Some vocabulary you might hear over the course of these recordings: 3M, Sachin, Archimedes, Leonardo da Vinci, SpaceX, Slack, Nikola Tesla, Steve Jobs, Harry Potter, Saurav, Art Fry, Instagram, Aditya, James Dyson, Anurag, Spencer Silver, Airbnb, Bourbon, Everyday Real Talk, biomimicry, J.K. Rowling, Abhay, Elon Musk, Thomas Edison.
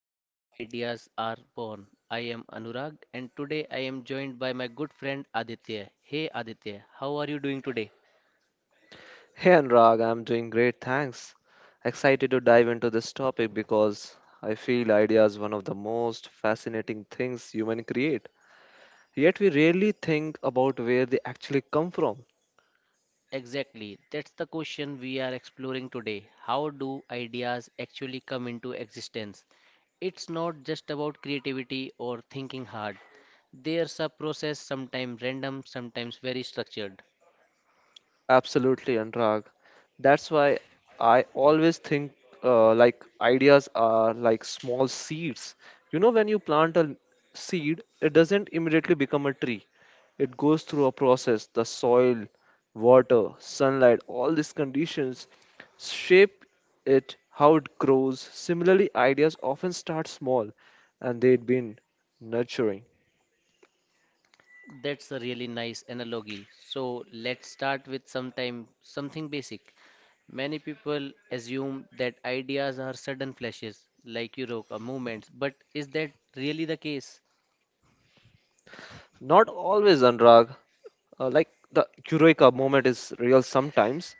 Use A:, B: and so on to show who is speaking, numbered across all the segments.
A: how ideas are born. I am Anurag and today I am joined by my good friend Aditya. Hey Aditya, how are you doing today?
B: Hey Anurag, I'm doing great, thanks. Excited to dive into this topic because I feel idea is one of the most fascinating things human create. Yet we rarely think about where they actually come from.
A: Exactly. That's the question we are exploring today. How do ideas actually come into existence? It's not just about creativity or thinking hard. There's a process, sometimes random, sometimes very structured.
B: Absolutely, Anurag. That's why I always think like ideas are like small seeds. You know, when you plant a seed, it doesn't immediately become a tree. It goes through a process. The soil, water, sunlight, all these conditions shape it, how it grows. Similarly, ideas often start small and they've been nurturing.
A: That's a really nice analogy. So let's start with sometime something basic. Many people assume that ideas are sudden flashes, like you wrote, or movements, but is that really the case?
B: Not always, Anurag. Like the eureka moment is real sometimes.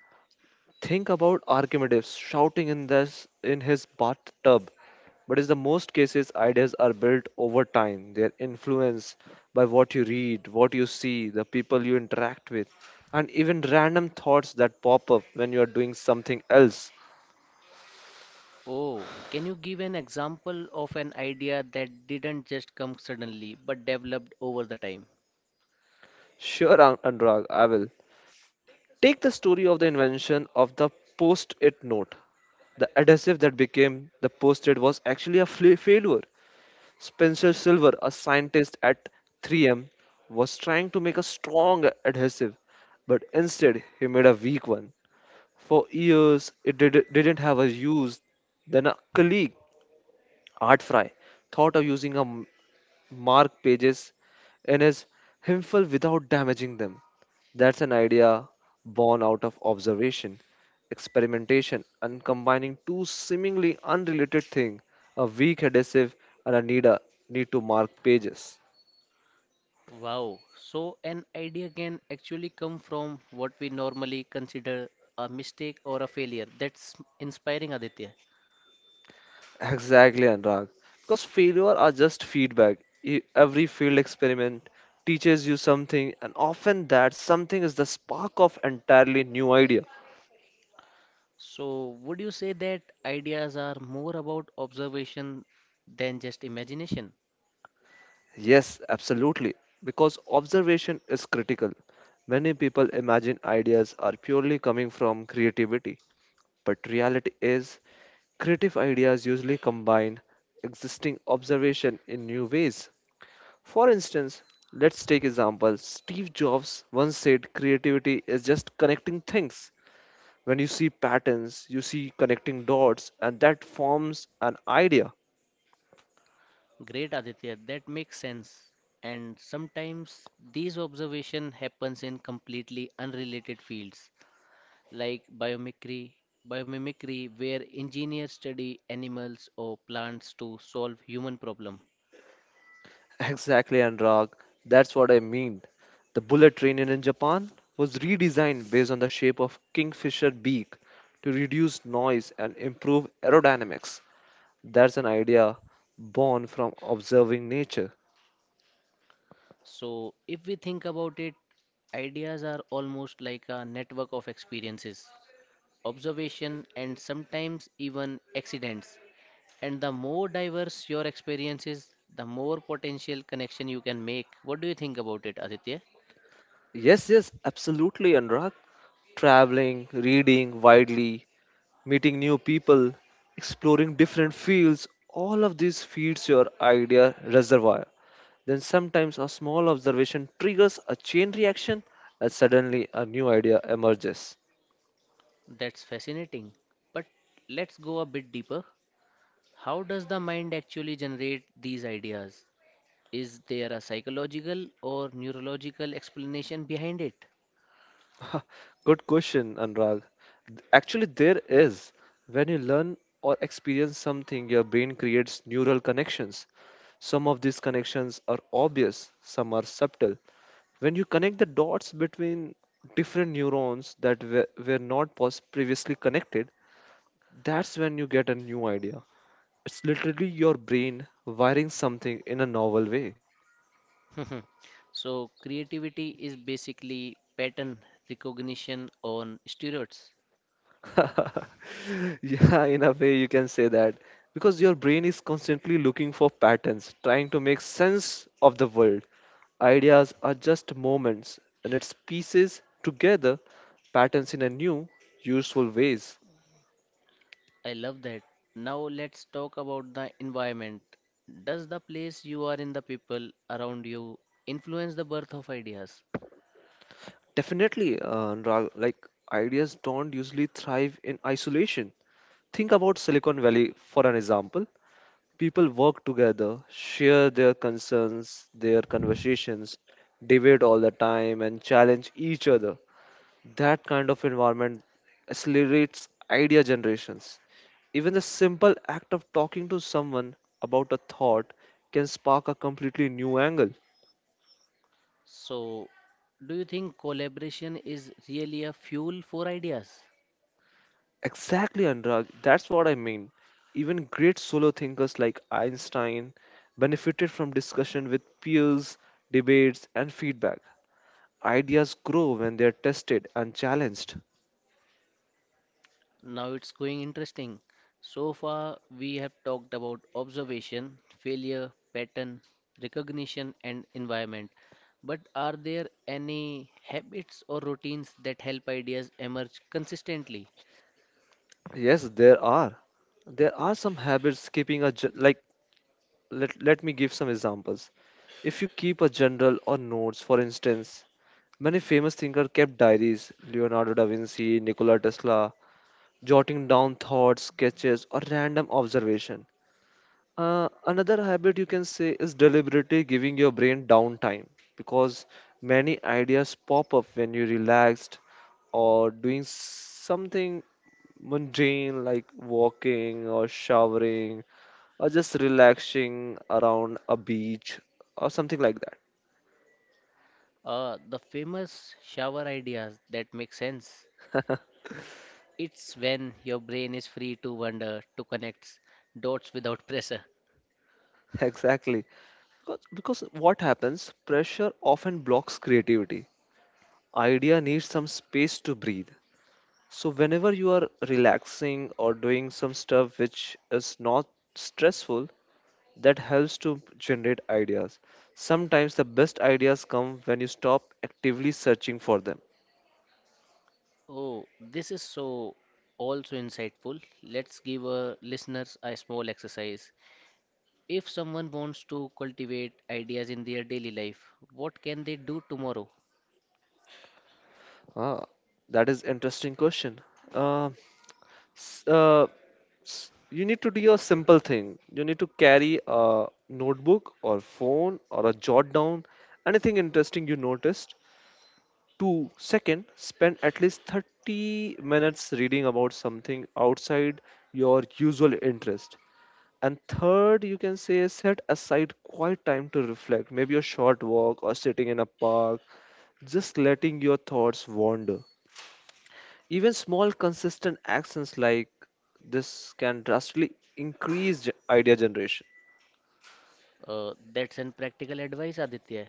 B: Think about Archimedes shouting in his bathtub. But in the most cases, ideas are built over time. They are influenced by what you read, what you see, the people you interact with, and even random thoughts that pop up when you are doing something else.
A: Oh, can you give an example of an idea that didn't just come suddenly but developed over the time?
B: Sure, Anurag, I will. Take the story of the invention of the post it note. The adhesive that became the post it was actually a failure. Spencer Silver, a scientist at 3M, was trying to make a strong adhesive, but instead he made a weak one. For years, didn't have a use. Then a colleague, Art Fry, thought of using a mark pages in his himself without damaging them. That's an idea born out of observation, experimentation, and combining two seemingly unrelated things, a weak adhesive and a need to mark pages.
A: Wow, so an idea can actually come from what we normally consider a mistake or a failure. That's inspiring, Aditya.
B: Exactly, Anurag. Because failure are just feedback. Every field experiment teaches you something, and often that something is the spark of entirely new idea.
A: So, would you say that ideas are more about observation than just imagination?
B: Yes, absolutely. Because observation is critical. Many people imagine ideas are purely coming from creativity, but reality is creative ideas usually combine existing observation in new ways. For instance, let's take example. Steve Jobs once said creativity is just connecting things. When you see patterns, you see connecting dots and that forms an idea.
A: Great, Aditya, that makes sense. And sometimes these observation happens in completely unrelated fields like biomimicry, biomimicry where engineers study animals or plants to solve human problem.
B: Exactly, Anurag. That's what I mean. The bullet train in Japan was redesigned based on the shape of kingfisher beak to reduce noise and improve aerodynamics. That's an idea born from observing nature.
A: So, if we think about it, ideas are almost like a network of experiences. Observation, and sometimes even accidents. And the more diverse your experience is, the more potential connection you can make. What do you think about it, Aditya?
B: Yes, yes, absolutely, Anurag. Traveling, reading widely, meeting new people, exploring different fields, all of this feeds your idea reservoir. Then sometimes a small observation triggers a chain reaction and suddenly a new idea emerges.
A: That's fascinating. But let's go a bit deeper. How does the mind actually generate these ideas? Is there a psychological or neurological explanation behind it?
B: Good question, Anurag. Actually, there is. When you learn or experience something, your brain creates neural connections. Some of these connections are obvious, some are subtle. When you connect the dots between different neurons that were not previously connected, that's when you get a new idea. It's literally your brain wiring something in a novel way.
A: So, creativity is basically pattern recognition on steroids.
B: Yeah, in a way, you can say that because your brain is constantly looking for patterns, trying to make sense of the world. Ideas are just moments, and it's pieces together, patterns in a new, useful ways.
A: I love that. Now let's talk about the environment. Does the place you are in, the people around you, influence the birth of ideas?
B: Definitely, Anurag, like ideas don't usually thrive in isolation. Think about Silicon Valley for an example. People work together, share their concerns, their conversations, debate all the time, and challenge each other. That kind of environment accelerates idea generations. Even the simple act of talking to someone about a thought can spark a completely new angle.
A: So, do you think collaboration is really a fuel for ideas?
B: Exactly, Anurag. That's what I mean. Even great solo thinkers like Einstein benefited from discussion with peers, debates, and feedback. Ideas grow when they are tested and challenged.
A: Now it's going interesting. So far, we have talked about observation, failure, pattern, recognition, and environment. But are there any habits or routines that help ideas emerge consistently?
B: Yes, there are. There are some habits keeping a like let me give some examples. If you keep a journal or notes, for instance, many famous thinkers kept diaries, Leonardo da Vinci, Nikola Tesla, jotting down thoughts, sketches, or random observation. Another habit you can say is deliberately giving your brain downtime because many ideas pop up when you're relaxed or doing something mundane like walking or showering or just relaxing around a beach or something like that.
A: The famous shower ideas that make sense. It's when your brain is free to wander, to connect dots without pressure.
B: Exactly. Because what happens? Pressure often blocks creativity. Idea needs some space to breathe. So, whenever you are relaxing or doing some stuff which is not stressful, that helps to generate ideas. Sometimes the best ideas come when you stop actively searching for them.
A: Oh, this is so also insightful. Let's give our listeners a small exercise. If someone wants to cultivate ideas in their daily life, what can they do tomorrow?
B: Ah, that is interesting question. Uh, s- uh, you need to do a simple thing. You need to carry a notebook or phone or a jot down anything interesting you noticed. Two, second, spend at least 30 minutes reading about something outside your usual interest. And third, you can say set aside quiet time to reflect, maybe a short walk or sitting in a park, just letting your thoughts wander. Even small, consistent actions like this can drastically increase idea generation.
A: That's an practical advice, Aditya.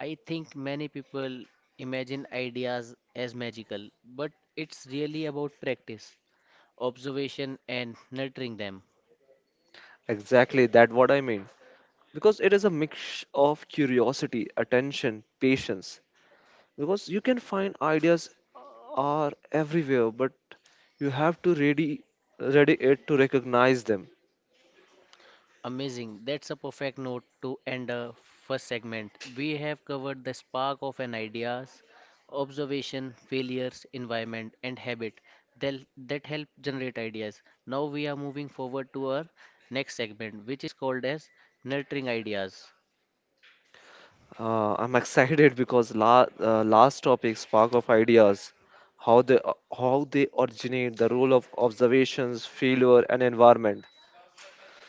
A: I think many people imagine ideas as magical, but it's really about practice. Observation, and nurturing them.
B: Exactly, that what I mean. Because it is a mix of curiosity, attention, patience, because you can find ideas are everywhere but you have to ready ready it to recognize them.
A: Amazing. That's a perfect note to end the first segment. We have covered the spark of an ideas, observation, failures, environment, and habit that, that help generate ideas. Now we are moving forward to our next segment, which is called as nurturing ideas.
B: I'm excited because last topic spark of ideas, how they how they originate, the role of observations, failure and environment.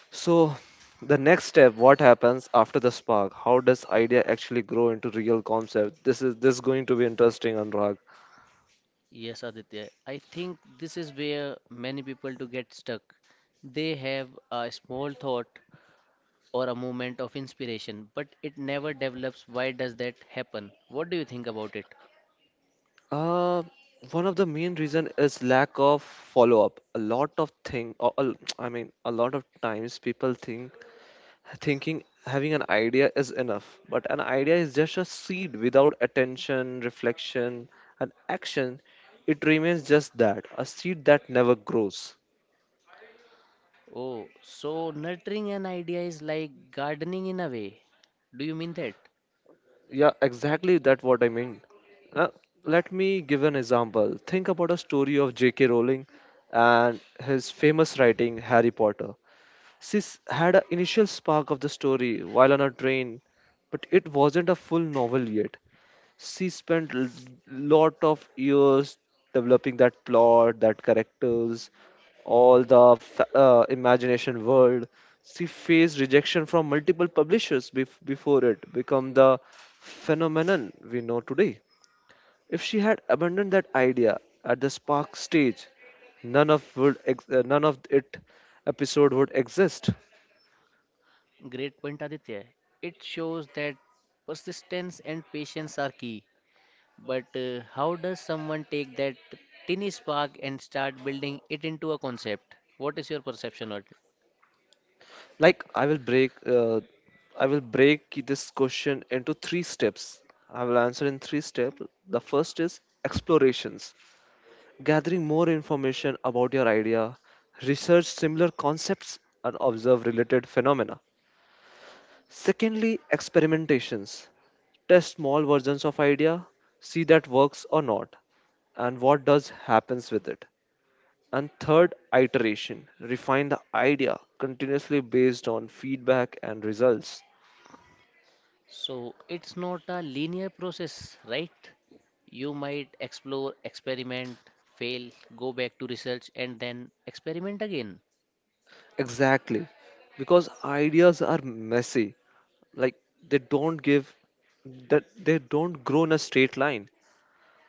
B: So the next step, what happens after the spark, how does idea actually grow into real concept? This is going to be interesting, Anurag.
A: Yes, Aditya. I think this is where many people do get stuck. They have a small thought or a moment of inspiration, but it never develops. Why does that happen? What do you think about it?
B: Uh, One of the main reason is lack of follow up. A lot of thing, or, a- I mean, a lot of times people think thinking having an idea is enough, but an idea is just a seed without attention, reflection, and action. It remains just that, a seed that never grows.
A: Oh, so nurturing an idea is like gardening in a way. Do you mean that?
B: Yeah, exactly that what I mean. Uh, Let me give an example. Think about a story of J.K. Rowling and his famous writing Harry Potter. Sis had an initial spark of the story while on a train, but it wasn't a full novel yet. She spent lot of years developing that plot, that characters, all the imagination world. She faced rejection from multiple publishers before it become the phenomenon we know today. If she had abandoned that idea at the spark stage, none of it episode would exist.
A: Great point, Aditya. It shows that persistence and patience are key. But how does someone take that tiny spark and start building it into a concept? What is your perception on it?
B: Like I will break this question into three steps. I will answer in three steps. The first is explorations, gathering more information about your idea, research similar concepts, and observe related phenomena. Secondly, experimentations, test small versions of idea, see that works or not, and what does happens with it. And third, iteration, refine the idea continuously based on feedback and results.
A: So it's not a linear process, right? You might explore, experiment, fail, go back to research, and then experiment again.
B: Exactly. Because ideas are messy. Like they don't give they don't grow in a straight line.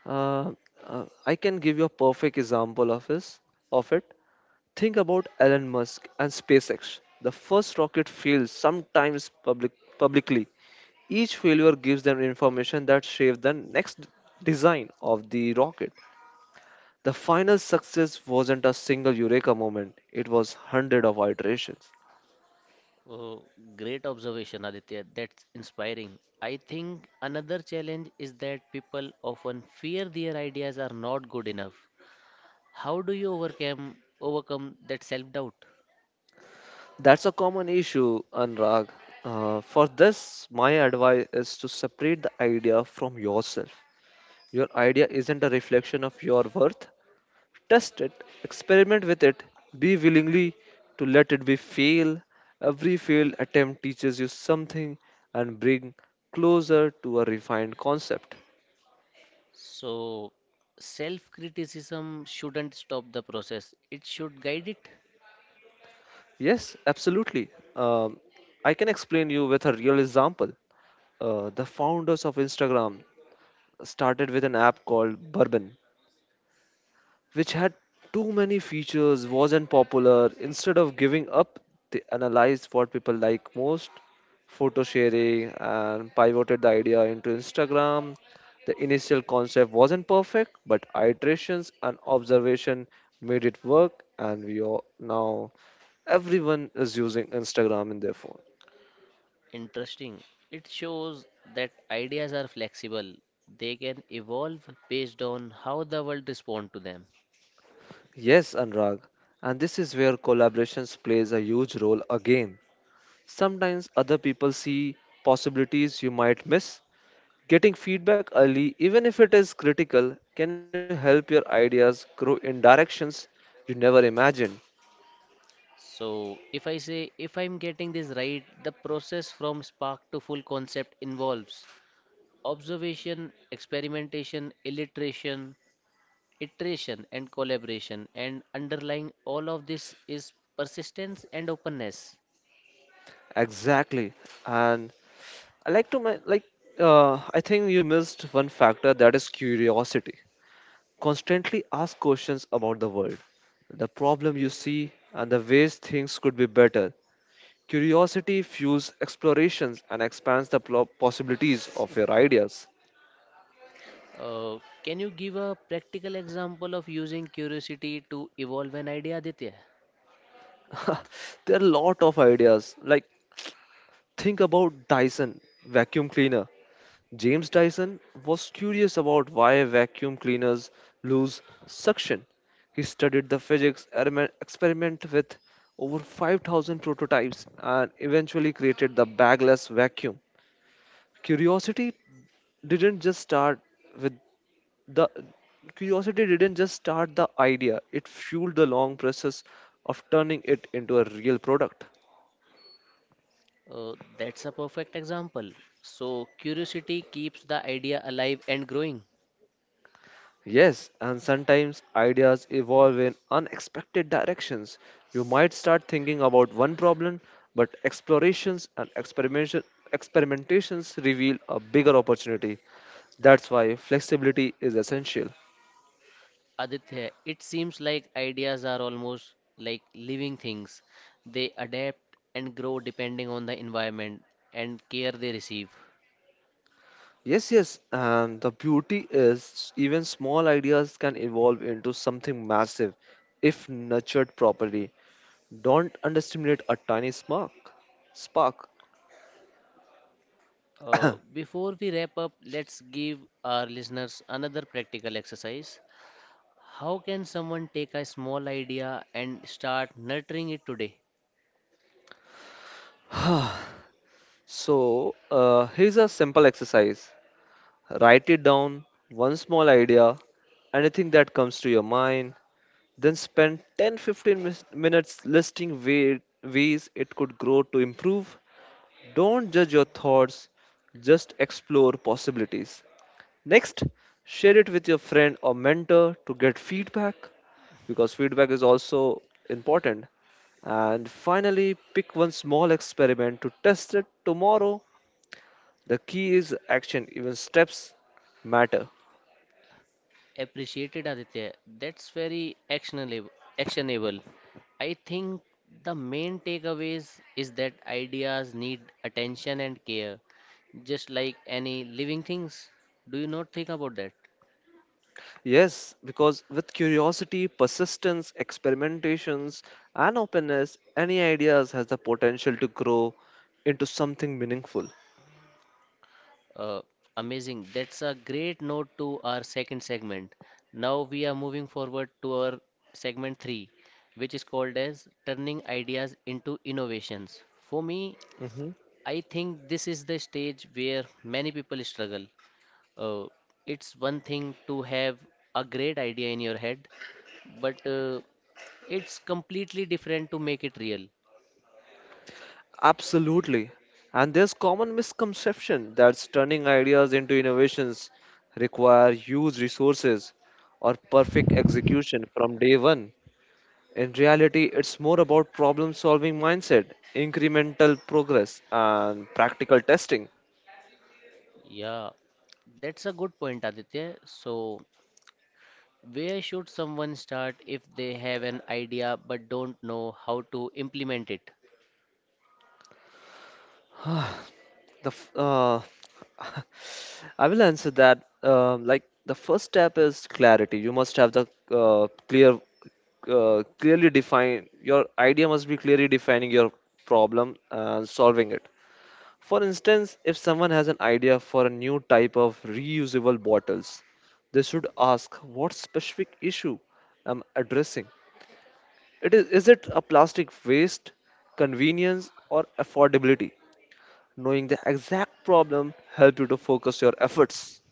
B: Uh, I can give you a perfect example of this of it. Think about Elon Musk and SpaceX. The first rocket fails sometimes publicly. Each failure gives them information that shapes the next design of the rocket. The final success wasn't a single eureka moment. It was hundred of iterations.
A: Oh, great observation, Aditya. That's inspiring. I think another challenge is that people often fear their ideas are not good enough. How do you overcome that self-doubt?
B: That's a common issue, Anurag. For this, my advice is to separate the idea from yourself. Your idea isn't a reflection of your worth. Test it, experiment with it, be willingly to let it be fail. Every failed attempt teaches you something and bring closer to a refined concept.
A: So, self-criticism shouldn't stop the process. It should guide it.
B: Yes, absolutely. Um, I can explain you with a real example, the founders of Instagram started with an app called Bourbon, which had too many features, wasn't popular. Instead of giving up, they analyzed what people like most, photo sharing, and pivoted the idea into Instagram. The initial concept wasn't perfect, but iterations and observation made it work, and we are now everyone is using Instagram in their phone.
A: Interesting. It shows that ideas are flexible. They can evolve based on how the world responds to them.
B: Yes, Anurag, and this is where collaborations plays a huge role again. Sometimes other people see possibilities you might miss. Getting feedback early, even if it is critical, can help your ideas grow in directions you never imagined.
A: So, if I say, if I'm getting this right, the process from spark to full concept involves observation, experimentation, illustration, iteration, and collaboration. And underlying all of this is persistence and openness.
B: Exactly. And I like to I think you missed one factor that is curiosity. Constantly ask questions about the world, the problem you see, and the ways things could be better. Curiosity fuels explorations and expands the possibilities of your ideas.
A: Can you give a practical example of using curiosity to evolve an idea, Aditya?
B: There are a lot of ideas. Like, think about Dyson vacuum cleaner. James Dyson was curious about why vacuum cleaners lose suction. He studied the physics, experiment with over 5,000 prototypes, and eventually created the bagless vacuum. Curiosity didn't just start with the Curiosity didn't just start the idea, it fueled the long process of turning it into a real product.
A: That's a perfect example. So, curiosity keeps the idea alive and growing.
B: Yes, and sometimes ideas evolve in unexpected directions. You might start thinking about one problem, but explorations and experimentations reveal a bigger opportunity. That's why flexibility is essential.
A: Aditya, it seems like ideas are almost like living things. They adapt and grow depending on the environment and care they receive.
B: Yes, yes, and the beauty is even small ideas can evolve into something massive if nurtured properly. Don't underestimate a tiny spark. Spark.
A: Before we wrap up, let's give our listeners another practical exercise. How can someone take a small idea and start nurturing it today?
B: So, here's a simple exercise. Write it down, one small idea, anything that comes to your mind, then spend 10 15 minutes listing ways it could grow to improve. Don't judge your thoughts, just explore possibilities. Next, share it with your friend or mentor to get feedback, because feedback is also important. And finally, pick one small experiment to test it tomorrow. The key is action, even steps matter.
A: Appreciated Aditya. That's very actionable. Actionable. I think the main takeaways is that ideas need attention and care, just like any living things. Do you not think about that?
B: Yes, because with curiosity, persistence, experimentations, and openness, any ideas has the potential to grow into something meaningful.
A: Uh, amazing. That's a great note to our second segment. Now we are moving forward to our segment three, which is called as turning ideas into innovations. For me,
B: Mhm.
A: I think this is the stage where many people struggle. Uh, it's one thing to have a great idea in your head, but it's completely different to make it real.
B: Absolutely. And there's common misconception that turning ideas into innovations require huge resources or perfect execution from day one. In reality, it's more about problem solving mindset, incremental progress, and practical testing.
A: Yeah, that's a good point, Aditya. So, where should someone start if they have an idea but don't know how to implement it?
B: The f- uh, I will answer that. Like the first step is clarity. You must have the clear, clearly define your idea must be clearly defining your problem and solving it. For instance, if someone has an idea for a new type of reusable bottles, they should ask, what specific issue I'm addressing? Is it a plastic waste, convenience, or affordability? Knowing the exact problem help you to focus your efforts.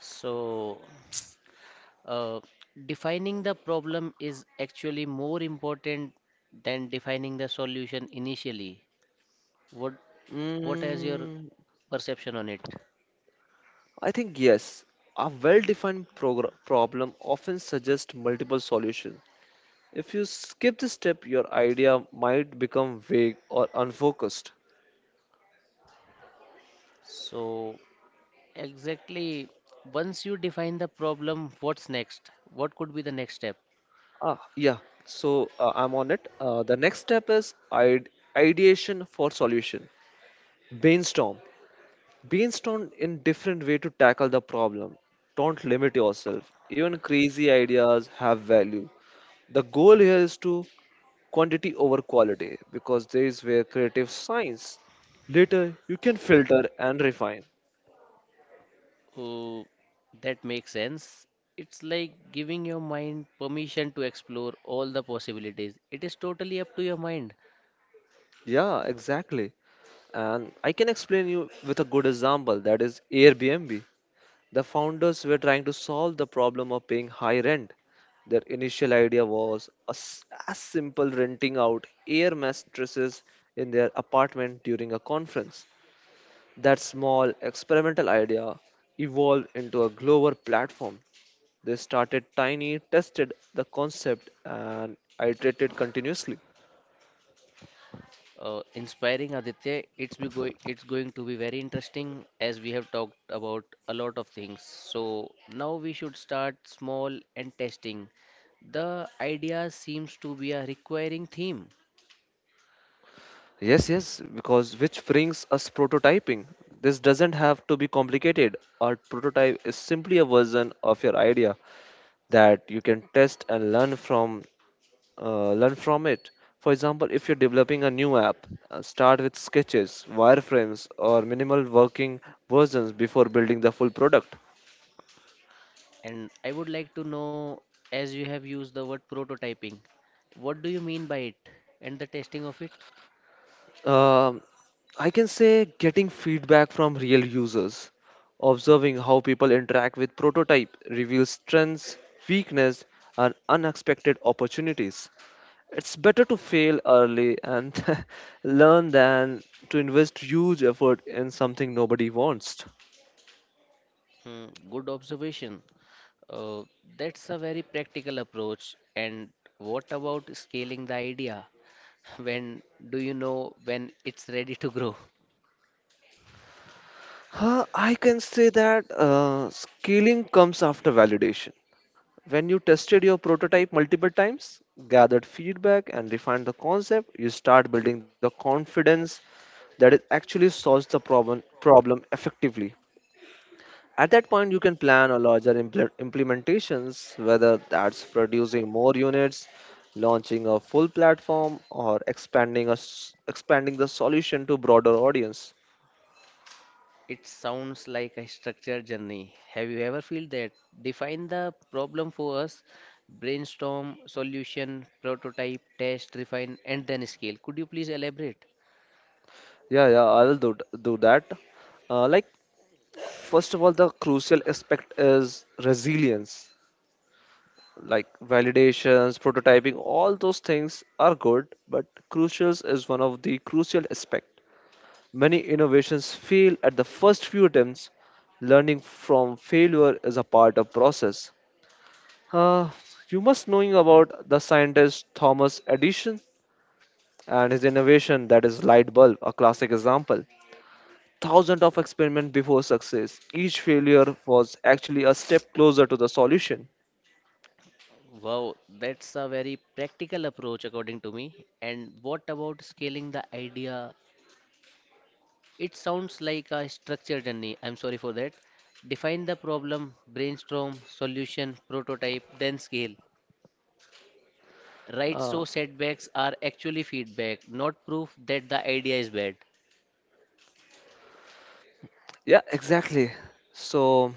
A: So, uh, defining the problem is actually more important than defining the solution initially. What what is your
B: Mm,
A: perception on it?
B: I think yes. A well-defined problem often suggests multiple solutions. If you skip this step, your idea might become vague or unfocused.
A: So, exactly. Once you define the problem, what's next? What could be the next step?
B: Ah, yeah. So I'm on it. The next step is ideation for solution. Brainstorm. Brainstorm in different way to tackle the problem. Don't limit yourself, even crazy ideas have value. The goal here is to quantity over quality, because there is where creative science. Later you can filter and refine.
A: Oh, that makes sense. It's like giving your mind permission to explore all the possibilities. It is totally up to your mind.
B: Yeah, exactly. And I can explain you with a good example, that is Airbnb. The founders were trying to solve the problem of paying high rent. Their initial idea was as simple renting out air mattresses in their apartment during a conference. That small experimental idea evolved into a global platform. They started tiny, tested the concept, and iterated continuously.
A: Inspiring Aditya, it's going to be very interesting as we have talked about a lot of things. So now we should start small and testing. The idea seems to be a requiring theme.
B: Yes, yes, because which brings us prototyping. This doesn't have to be complicated. A prototype is simply a version of your idea that you can test and learn from, learn from it. For example, if you're developing a new app, start with sketches, wireframes, or minimal working versions before building the full product.
A: And I would like to know, as you have used the word prototyping, what do you mean by it and the testing of it?
B: Um I can say, getting feedback from real users, observing how people interact with prototype reveals strengths, weakness, and unexpected opportunities. It's better to fail early and learn than to invest huge effort in something nobody wants.
A: Hmm, good observation. Uh, that's a very practical approach. And what about scaling the idea? When do you know when it's ready to grow?
B: Huh, I can say that scaling comes after validation. When you tested your prototype multiple times, gathered feedback, and refined the concept, you start building the confidence that it actually solves the problem effectively. At that point, you can plan a larger implementations, whether that's producing more units, launching a full platform, or expanding a s expanding the solution to broader audience.
A: It sounds like a structured journey. Have you ever felt that? Define the problem for us, brainstorm, solution, prototype, test, refine, and then scale. Could you please elaborate?
B: Yeah, yeah, I will do that. Uh, like, First of all, the crucial aspect is resilience. Like validations, prototyping, all those things are good, but crucials is one of the crucial aspect. Many innovations fail at the first few attempts. Learning from failure is a part of process. Uh, you must knowing about the scientist Thomas Edison and his innovation, that is light bulb, a classic example. Thousands of experiments before success. Each failure was actually a step closer to the solution.
A: Wow, that's a very practical approach according to me. And what about scaling the idea? It sounds like a structured journey. I'm sorry for that. Define the problem, brainstorm, solution, prototype, then scale. Right,
B: Uh,
A: so setbacks are actually feedback, not proof that the idea is bad.
B: yeah, exactly. So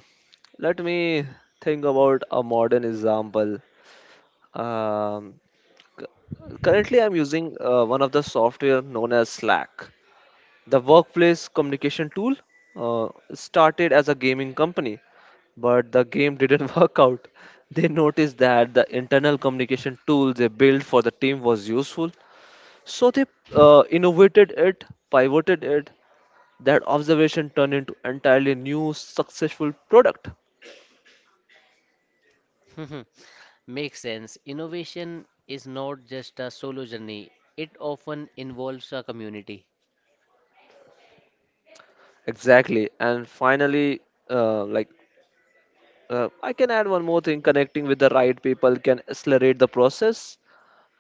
B: let me think about a modern example. Um, Currently, I'm using one of the software known as Slack. The workplace communication tool uh, started as a gaming company, but the game didn't work out. They noticed that the internal communication tool they built for the team was useful, so they innovated it, pivoted it. That observation turned into entirely new successful product.
A: Makes sense. Innovation is not just a solo journey, it often involves a community.
B: Exactly, and finally, uh, like I can add one more thing. Connecting with the right people can accelerate the process.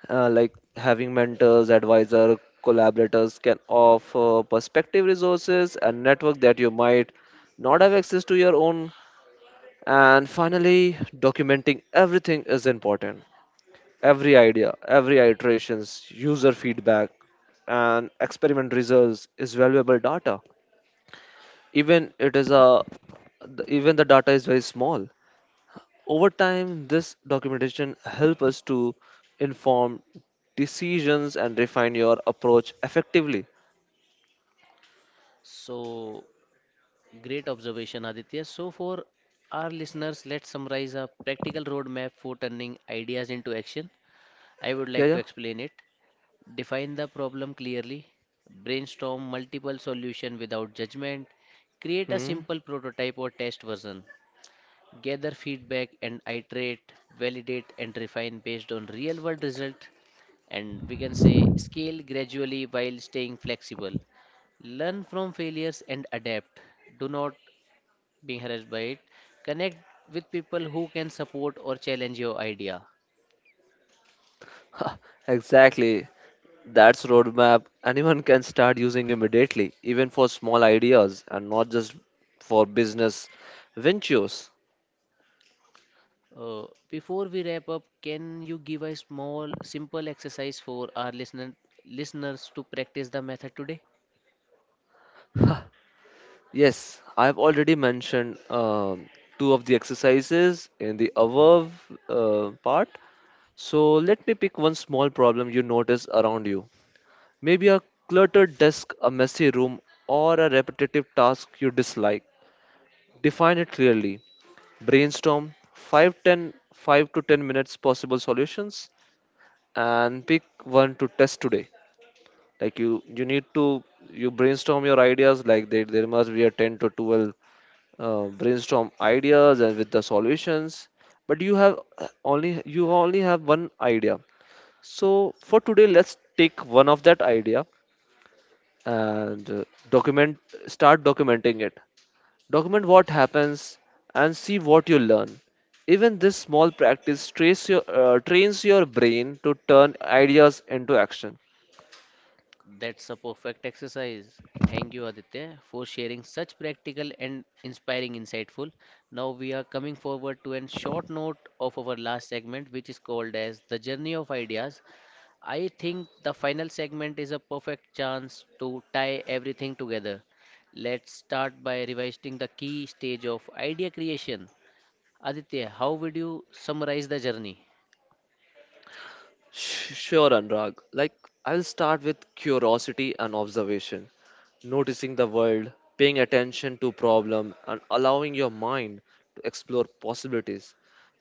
B: Like having mentors, advisor, collaborators can offer perspective resources and network that you might not have access to your own. And finally, documenting everything is important. Every idea, every iterations, user feedback, and experiment results is valuable data. Even it is a Even the data is very small. Over time, this documentation helps us to inform decisions and refine your approach effectively.
A: So, great observation, Aditya. So, for our listeners, let's summarize a practical roadmap for turning ideas into action. I would
B: Yeah,
A: like to
B: yeah.
A: explain it. Define the problem clearly, brainstorm multiple solutions without judgment, create a
B: Hmm.
A: simple prototype or test version, gather feedback and iterate, validate, and refine based on real world result. And we can say scale gradually while staying flexible. Learn from failures and adapt. Do not being harassed by it. Connect with people who can support or challenge your idea.
B: Exactly. That's roadmap anyone can start using immediately, even for small ideas and not just for business ventures.
A: Before we wrap up, can you give a small, simple exercise for our listeners to practice the method today?
B: Yes, I've already mentioned two of the exercises in the above part. So let me pick one small problem you notice around you. Maybe a cluttered desk, a messy room, or a repetitive task you dislike. Define it clearly. Brainstorm 5, ten, five to 10 minutes possible solutions and pick one to test today. Like you need to you brainstorm your ideas. Like there must be a 10 to 12 brainstorm ideas and with the solutions. But you have only you only have one idea. So for today, let's take one of that idea and document start documenting it, document what happens and see what you learn. Even this small practice trains your brain to turn ideas into action.
A: That's a perfect exercise. Thank you, Aditya, for sharing such practical and inspiring insightful. Now we are coming forward to a short note of our last segment, which is called as the journey of ideas. I think the final segment is a perfect chance to tie everything together. Let's start by revising the key stage of idea creation. Aditya, how would you summarize the journey?
B: Sure, Anurag. Like, I'll start with curiosity and observation, noticing the world, paying attention to problem, and allowing your mind to explore possibilities.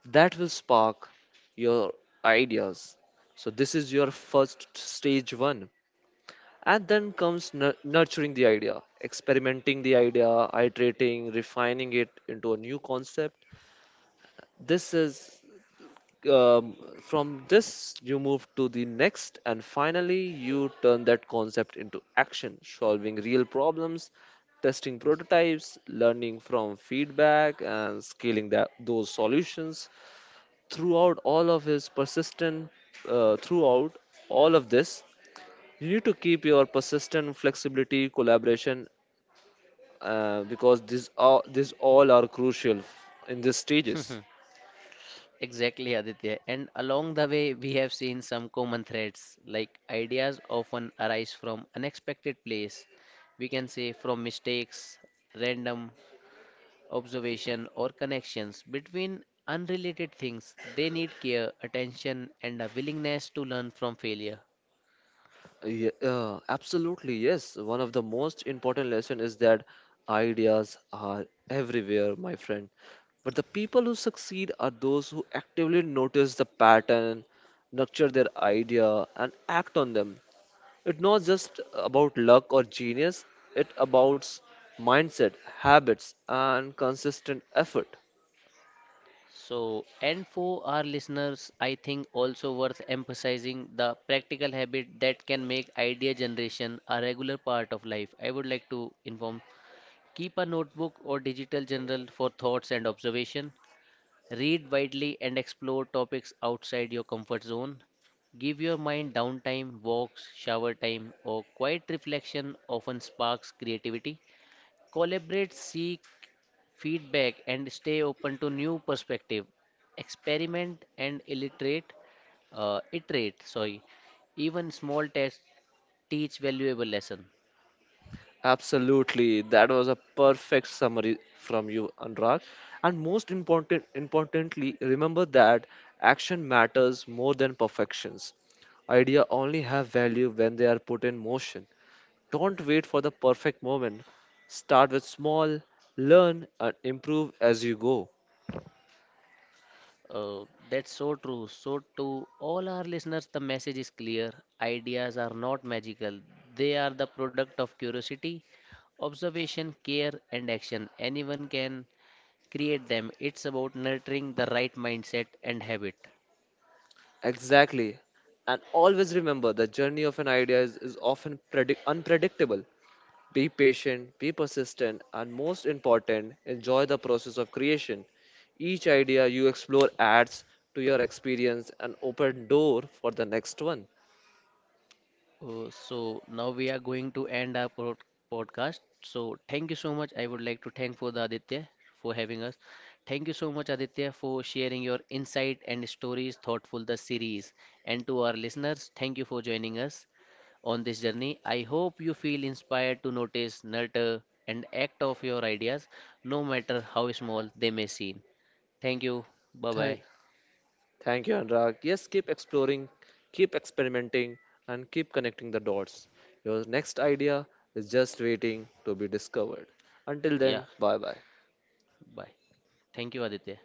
B: That will spark your ideas. So this is your first stage one, and then comes nurturing the idea, experimenting the idea, iterating, refining it into a new concept. This is from this you move to the next, and finally you turn that concept into action, solving real problems, testing prototypes, learning from feedback, and scaling those solutions. Throughout all of his persistent, throughout all of this you need to keep your persistent, flexibility, collaboration, because these are these all are crucial in these stages.
A: Exactly, Aditya. And along the way, we have seen some common threads, like ideas often arise from unexpected place. We can say from mistakes, random observation, or connections between unrelated things. They need care, attention, and a willingness to learn from failure.
B: Yeah, absolutely, yes. One of the most important lesson is that ideas are everywhere, my friend. But the people who succeed are those who actively notice the pattern, nurture their idea, and act on them. It's not just about luck or genius, it's about mindset, habits, and consistent effort.
A: So, and for our listeners, I think also worth emphasizing the practical habit that can make idea generation a regular part of life. I would like to inform keep a notebook or digital journal for thoughts and observation. Read widely and explore topics outside your comfort zone. Give your mind downtime, walks, shower time, or quiet reflection often sparks creativity. Collaborate, seek feedback, and stay open to new perspective. Experiment and illiterate, iterate. Sorry, even small tests teach valuable lesson.
B: Absolutely, that was a perfect summary from you, Anurag. And most importantly, remember that action matters more than perfections. Idea only have value when they are put in motion. Don't wait for the perfect moment. Start with small, learn and improve as you go.
A: Uh, that's so true. So, to all our listeners, the message is clear. Ideas are not magical, they are the product of curiosity, observation, care, and action. Anyone can create them. It's about nurturing the right mindset and habit.
B: Exactly. And always remember, the journey of an idea is often unpredictable. Be patient, be persistent, and most important, enjoy the process of creation. Each idea you explore adds to your experience and open door for the next one.
A: So now we are going to end our podcast. So thank you so much. I would like to thank for the Aditya for having us. Thank you so much, Aditya, for sharing your insight and stories thoughtful the series. And to our listeners, thank you for joining us on this journey. I hope you feel inspired to notice, nurture, and act of your ideas, no matter how small they may seem. Thank you. Bye
B: Thank,
A: bye.
B: Thank you, Anurag. Yes, keep exploring, keep experimenting, and keep connecting the dots. Your next idea is just waiting to be discovered. Until
A: Yeah.
B: then, bye bye.
A: Bye. Thank you, Aditya.